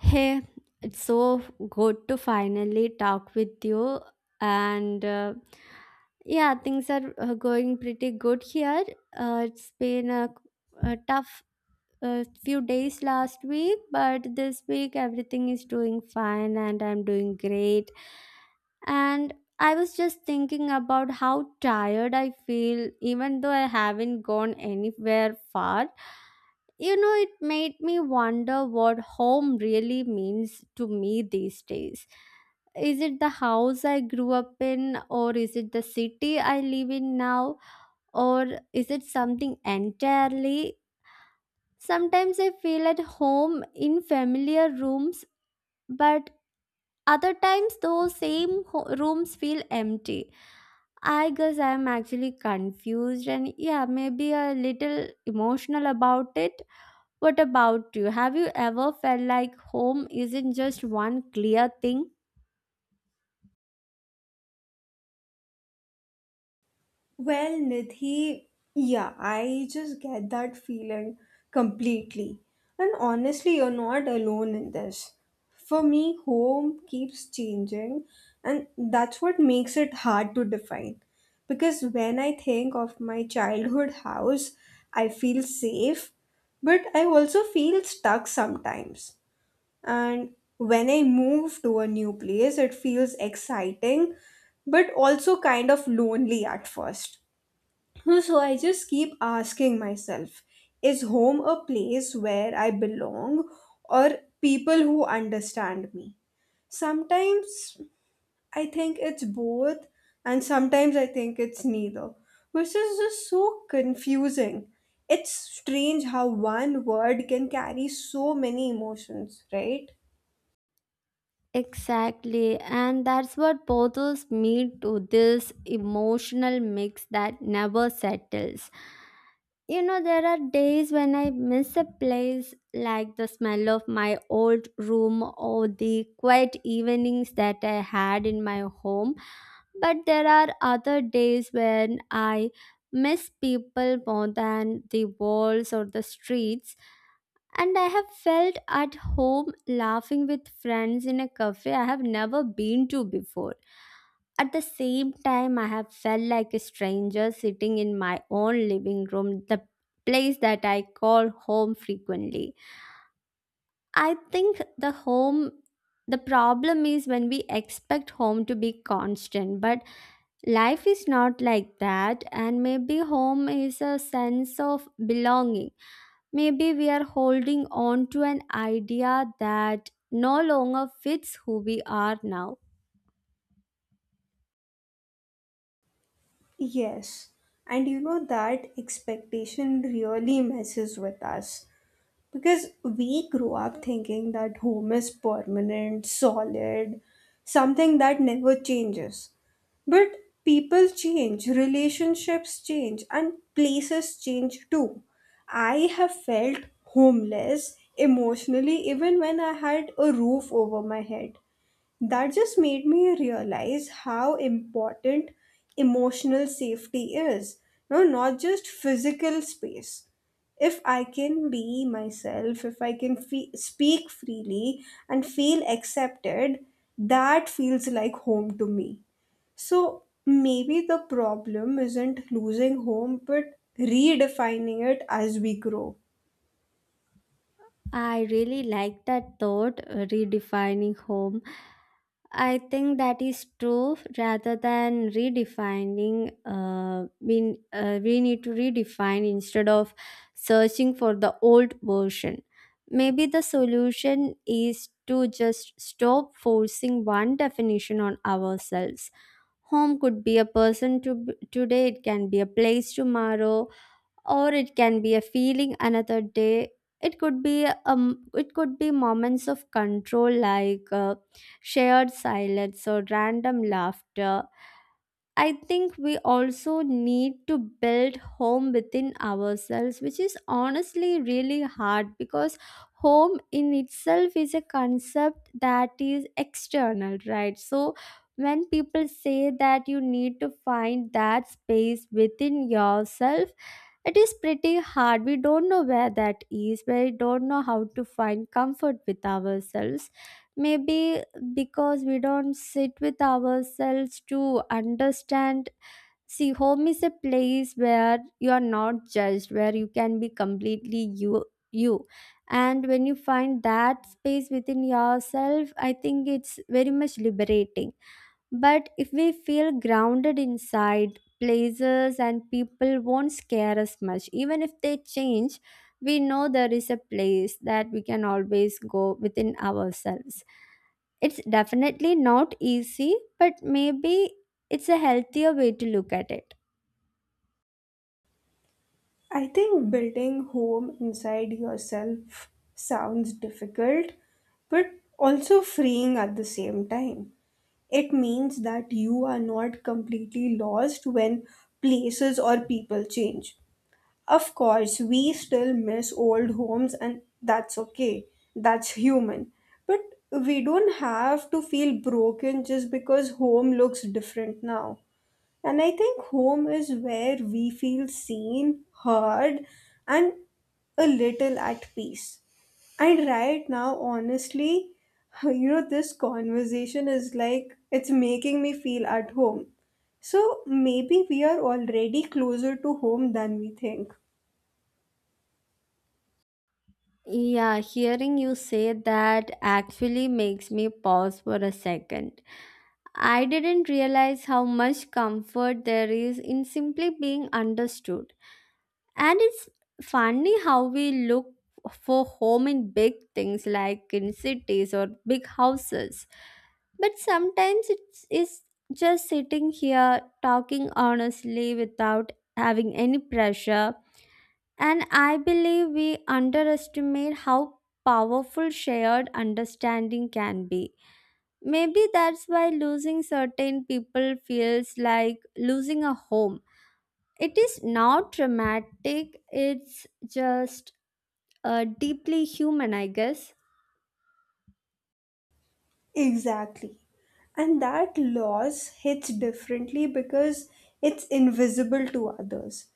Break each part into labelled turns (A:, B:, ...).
A: Hey, it's so good to finally talk with you. And Yeah, things are going pretty good here. It's been a tough a few days last week, but this week everything is doing fine and I'm doing great. And I was just thinking about how tired I feel, even though I haven't gone anywhere far. You know, it made me wonder what home really means to me these days. Is it the house I grew up in, or is it the city I live in now, or is it something entirely. Sometimes I feel at home in familiar rooms, but other times those same rooms feel empty. I guess I'm actually confused and yeah, maybe a little emotional about it. What about you? Have you ever felt like home isn't just one clear thing?
B: Well, Nidhi, yeah, I just get that feeling completely. And honestly, you're not alone in this. For me, home keeps changing, and that's what makes it hard to define. Because when I think of my childhood house, I feel safe, but I also feel stuck sometimes. And when I move to a new place, it feels exciting, but also kind of lonely at first. So I just keep asking myself, is home a place where I belong, or people who understand me? Sometimes I think it's both, and sometimes I think it's neither, which is just so confusing. It's strange how one word can carry so many emotions, right?
A: Exactly, and that's what bothers me to this emotional mix that never settles. You know, there are days when I miss a place like the smell of my old room or the quiet evenings that I had in my home. But there are other days when I miss people more than the walls or the streets. And I have felt at home laughing with friends in a cafe I have never been to before. At the same time, I have felt like a stranger sitting in my own living room, the place that I call home frequently. I think the problem is when we expect home to be constant, but life is not like that, and maybe home is a sense of belonging. Maybe we are holding on to an idea that no longer fits who we are now.
B: Yes, and you know that expectation really messes with us. Because we grew up thinking that home is permanent, solid, something that never changes. But people change, relationships change, and places change too. I have felt homeless emotionally even when I had a roof over my head. That just made me realize how important emotional safety is. No, not just physical space. If I can be myself, if I can speak freely and feel accepted, that feels like home to me. So maybe the problem isn't losing home, but redefining it as we grow.
A: I really like that thought, redefining home. I think that is true rather than redefining. We need to redefine instead of searching for the old version. Maybe the solution is to just stop forcing one definition on ourselves. Home could be a person to today, it can be a place tomorrow, or it can be a feeling another day. It could be moments of control like shared silence or random laughter. I think we also need to build home within ourselves, which is honestly really hard because home in itself is a concept that is external, right? So when people say that you need to find that space within yourself, it is pretty hard. We don't know where that is, we don't know how to find comfort with ourselves. Maybe because we don't sit with ourselves to understand. See, home is a place where you are not judged, where you can be completely you. And when you find that space within yourself, I think it's very much liberating. But if we feel grounded inside, places and people won't scare us much. Even if they change, we know there is a place that we can always go within ourselves. It's definitely not easy, but maybe it's a healthier way to look at it.
B: I think building home inside yourself sounds difficult, but also freeing at the same time. It means that you are not completely lost when places or people change. Of course, we still miss old homes, and that's okay. That's human. But we don't have to feel broken just because home looks different now. And I think home is where we feel seen, heard, and a little at peace. And right now, honestly, you know, this conversation is like it's making me feel at home. So maybe we are already closer to home than we think.
A: Yeah, hearing you say that actually makes me pause for a second. I didn't realize how much comfort there is in simply being understood. And it's funny how we look for home in big things like in cities or big houses. But sometimes it's just sitting here talking honestly without having any pressure. And I believe we underestimate how powerful shared understanding can be. Maybe that's why losing certain people feels like losing a home. It is not dramatic, it's just deeply human, I guess.
B: Exactly. And that loss hits differently because it's invisible to others.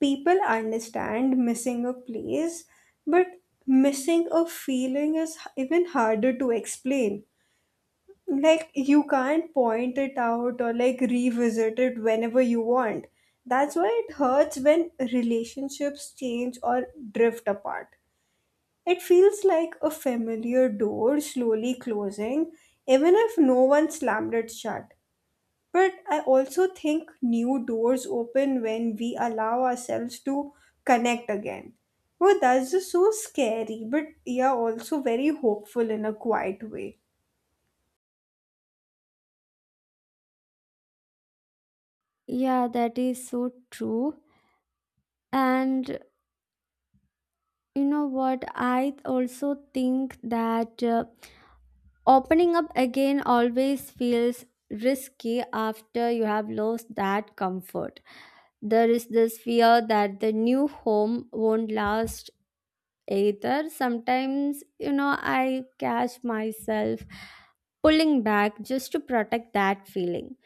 B: People understand missing a place, but missing a feeling is even harder to explain. Like, you can't point it out or like revisit it whenever you want. That's why it hurts when relationships change or drift apart. It feels like a familiar door slowly closing, even if no one slammed it shut. But I also think new doors open when we allow ourselves to connect again. Well, that's just so scary, but yeah, also very hopeful in a quiet way.
A: Yeah, that is so true. And you know what? I also think that opening up again always feels risky after you have lost that comfort. There is this fear that the new home won't last either. Sometimes, you know, I catch myself pulling back just to protect that feeling.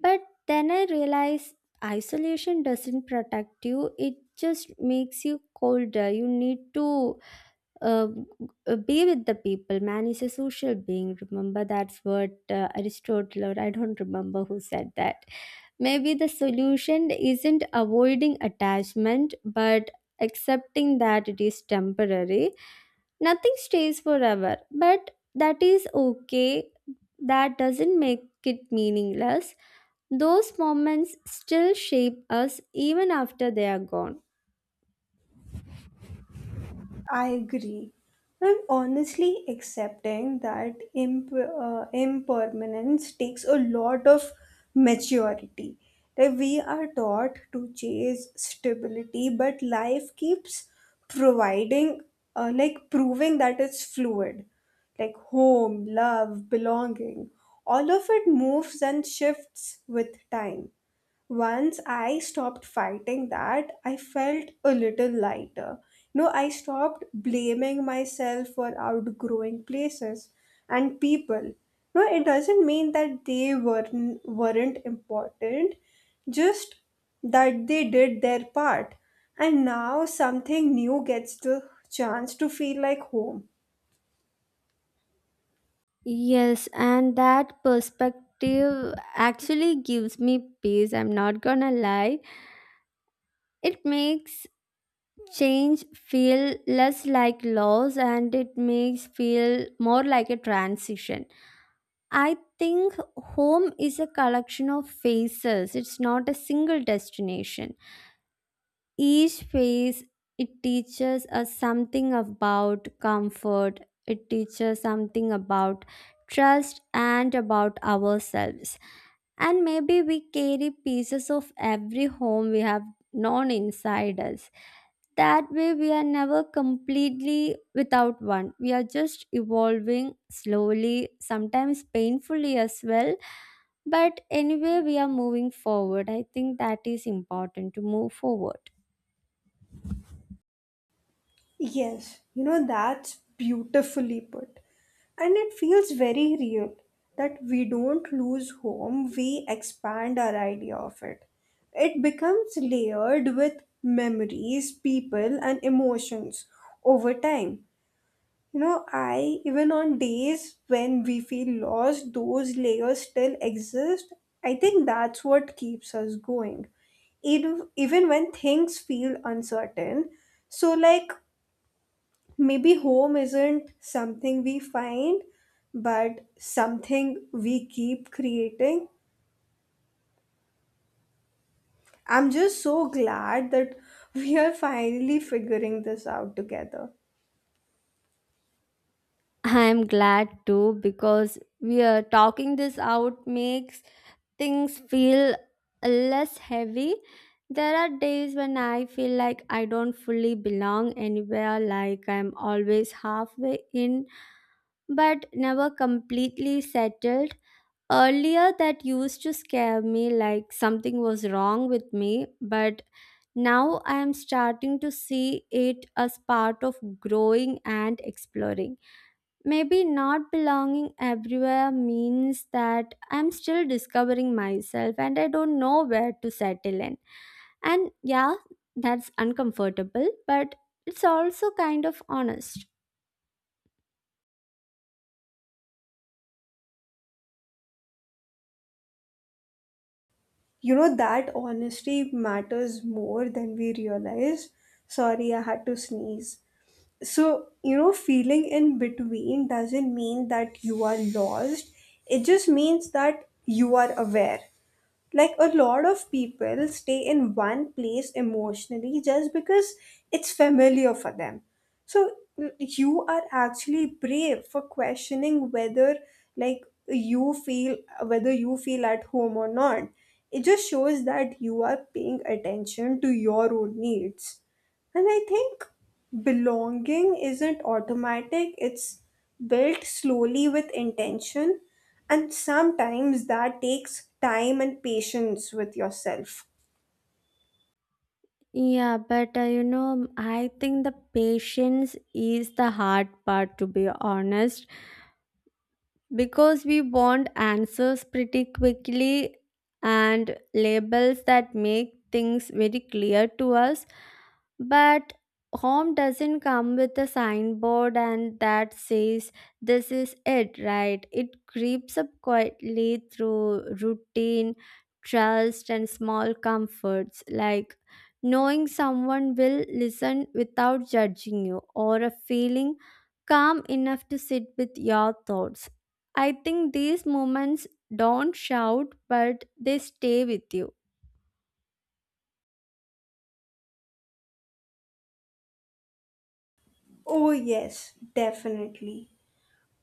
A: But then I realize isolation doesn't protect you, it just makes you colder. You need to uh, be with the people. Man is a social being. Remember, that's what Aristotle, or I don't remember who said that. Maybe the solution isn't avoiding attachment, but accepting that it is temporary. Nothing stays forever, but that is okay. That doesn't make it meaningless. Those moments still shape us even after they are gone.
B: I agree. And honestly, accepting that impermanence takes a lot of maturity. That we are taught to chase stability, but life keeps providing, like proving that it's fluid. Like home, love, belonging, all of it moves and shifts with time. Once I stopped fighting that, I felt a little lighter. No, I stopped blaming myself for outgrowing places and people. No, it doesn't mean that they weren't important, just that they did their part. And now something new gets the chance to feel like home.
A: Yes, and that perspective actually gives me peace. I'm not gonna lie. It makes change feel less like loss and it makes feel more like a transition. I think home is a collection of faces. It's not a single destination. Each phase it teaches us something about comfort, it teaches something about trust and about ourselves. And maybe we carry pieces of every home we have known inside us. That way, we are never completely without one. We are just evolving slowly, sometimes painfully as well. But anyway, we are moving forward. I think that is important to move forward.
B: Yes, you know, that's beautifully put. And it feels very real that we don't lose home, we expand our idea of it. It becomes layered with memories, people, and emotions over time. You know, even on days when we feel lost, those layers still exist. I think that's what keeps us going even when things feel uncertain, so like maybe home isn't something we find, but something we keep creating. I'm just so glad that we are finally figuring this out together.
A: I'm glad too because we are talking this out makes things feel less heavy. There are days when I feel like I don't fully belong anywhere, like I'm always halfway in but never completely settled. Earlier, that used to scare me like something was wrong with me, but now I am starting to see it as part of growing and exploring. Maybe not belonging everywhere means that I'm still discovering myself and I don't know where to settle in. And yeah, that's uncomfortable, but it's also kind of honest.
B: You know that honesty matters more than we realize. Sorry, I had to sneeze. So, you know, feeling in between doesn't mean that you are lost. It just means that you are aware. Like, a lot of people stay in one place emotionally just because it's familiar for them. So you are actually brave for questioning whether, like, you feel whether you feel at home or not. It just shows that you are paying attention to your own needs. And I think belonging isn't automatic, it's built slowly with intention, and sometimes that takes time and patience with yourself.
A: Yeah, but you know, I think the patience is the hard part to be honest. Because we want answers pretty quickly and labels that make things very clear to us, but home doesn't come with a signboard and that says this is it, right? It creeps up quietly through routine, trust and small comforts like knowing someone will listen without judging you or a feeling calm enough to sit with your thoughts. I think these moments don't shout, but they stay with you.
B: Oh, yes, definitely.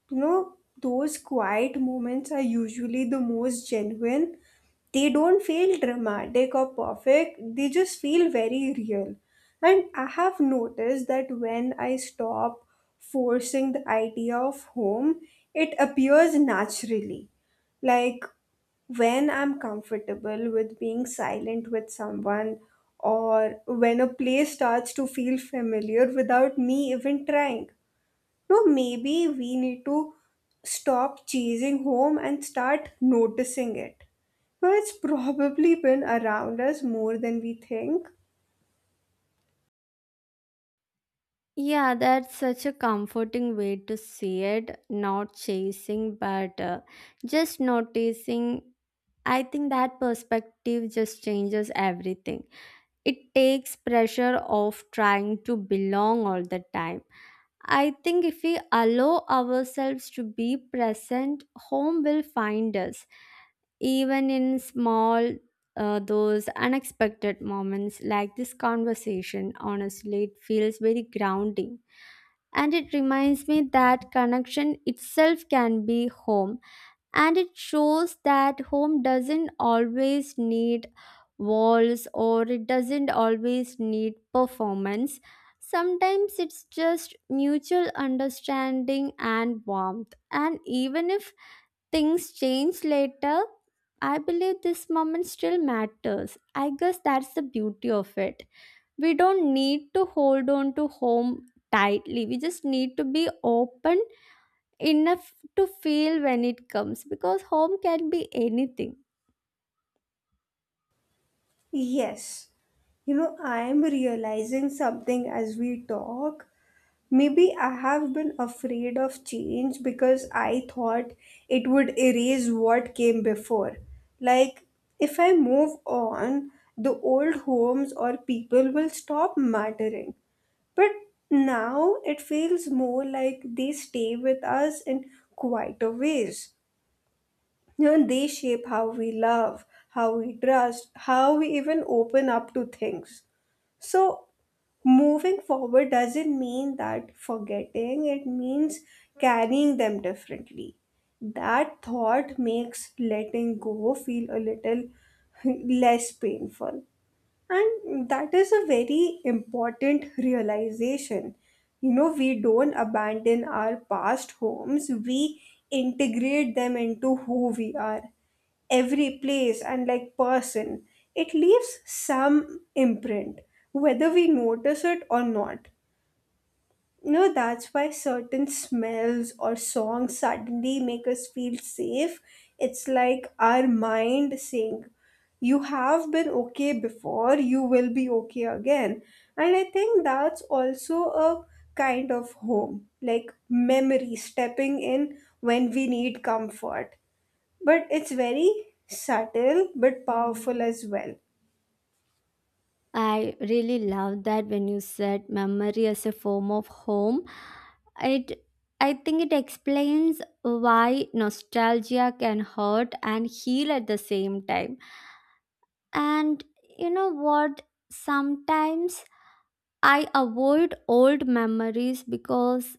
B: You know, those quiet moments are usually the most genuine. They don't feel dramatic or perfect, they just feel very real. And I have noticed that when I stop forcing the idea of home, it appears naturally. Like, when I'm comfortable with being silent with someone, or when a place starts to feel familiar without me even trying. No, maybe we need to stop chasing home and start noticing it. No, it's probably been around us more than we think.
A: Yeah, that's such a comforting way to see it. Not chasing, but just noticing. I think that perspective just changes everything. It takes pressure off trying to belong all the time. I think if we allow ourselves to be present, home will find us. Even in small those unexpected moments like this conversation, honestly it feels very grounding. And it reminds me that connection itself can be home. And it shows that home doesn't always need walls or it doesn't always need performance. Sometimes it's just mutual understanding and warmth, and even if things change later, I believe this moment still matters. I guess that's the beauty of it. We don't need to hold on to home tightly. We just need to be open enough to feel when it comes because home can be anything.
B: Yes. You know, I am realizing something as we talk. Maybe I have been afraid of change because I thought it would erase what came before. Like, if I move on, the old homes or people will stop mattering. But now it feels more like they stay with us in quieter ways. You know, they shape how we love, how we trust, how we even open up to things. So moving forward doesn't mean that forgetting, it means carrying them differently. That thought makes letting go feel a little less painful. And that is a very important realization. You know, we don't abandon our past homes, we integrate them into who we are. Every place and like person, it leaves some imprint, whether we notice it or not. You know, that's why certain smells or songs suddenly make us feel safe. It's like our mind saying, you have been okay before, you will be okay again. And I think that's also a kind of home, like memory stepping in when we need comfort. But it's very subtle but powerful as well.
A: I really love that when you said memory as a form of home. It, I think it explains why nostalgia can hurt and heal at the same time. And you know what? Sometimes I avoid old memories because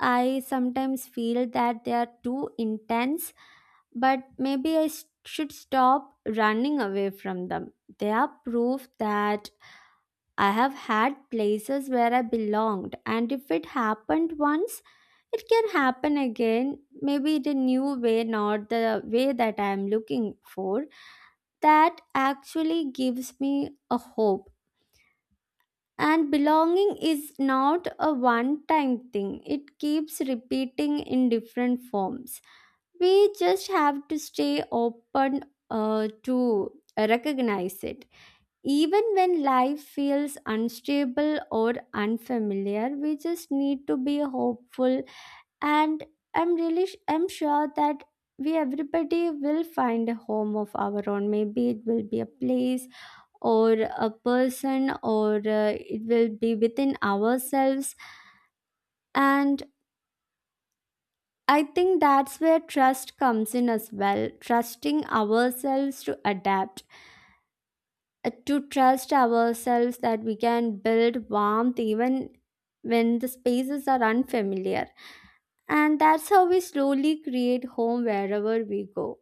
A: I sometimes feel that they are too intense, but maybe should stop running away from them. They are proof that I have had places where I belonged, and if it happened once, it can happen again, maybe in a new way, not the way that I am looking for. That actually gives me a hope. And belonging is not a one time thing, it keeps repeating in different forms. We just have to stay open to recognize it. Even when life feels unstable or unfamiliar, we just need to be hopeful. And I'm sure that we everybody will find a home of our own. Maybe it will be a place or a person or it will be within ourselves. And I think that's where trust comes in as well, trusting ourselves to adapt, to trust ourselves that we can build warmth even when the spaces are unfamiliar. And that's how we slowly create home wherever we go.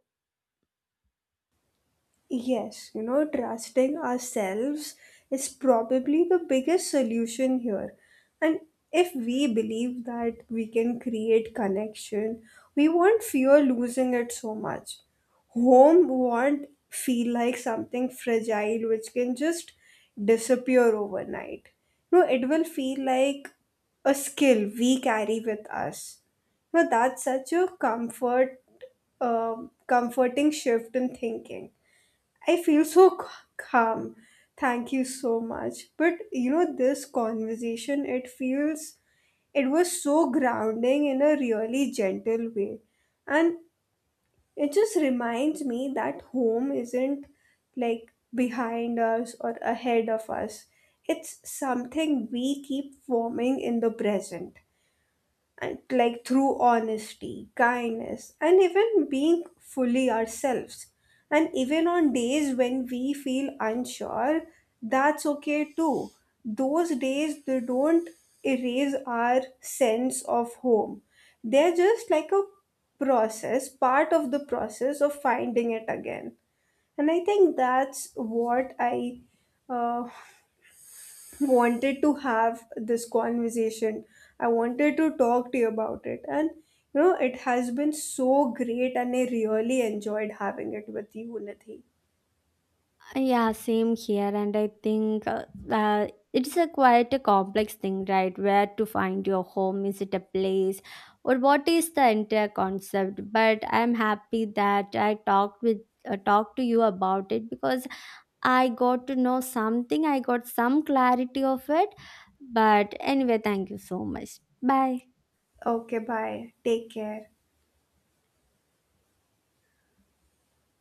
B: Yes, you know, trusting ourselves is probably the biggest solution here. And if we believe that we can create connection, we won't fear losing it so much. Home won't feel like something fragile which can just disappear overnight. No, it will feel like a skill we carry with us. No, that's such a comforting shift in thinking. I feel so calm. Thank you so much. But you know, this conversation, it it was so grounding in a really gentle way. And it just reminds me that home isn't like behind us or ahead of us, it's something we keep forming in the present, and like through honesty, kindness, and even being fully ourselves. And even on days when we feel unsure, that's okay too. Those days they don't erase our sense of home. They're just like a process, part of the process of finding it again. And I think that's what I uh, wanted to have this conversation. I wanted to talk to you about it. And, you know, it has been so great and I really enjoyed having it with you, Nidhi.
A: Yeah, same here. And I think uh, it's a quite a complex thing, right? Where to find your home? Is it a place? Or what is the entire concept? But I'm happy that I talked to you about it because I got to know something. I got some clarity of it. But anyway, thank you so much. Bye.
B: Okay, bye. Take care.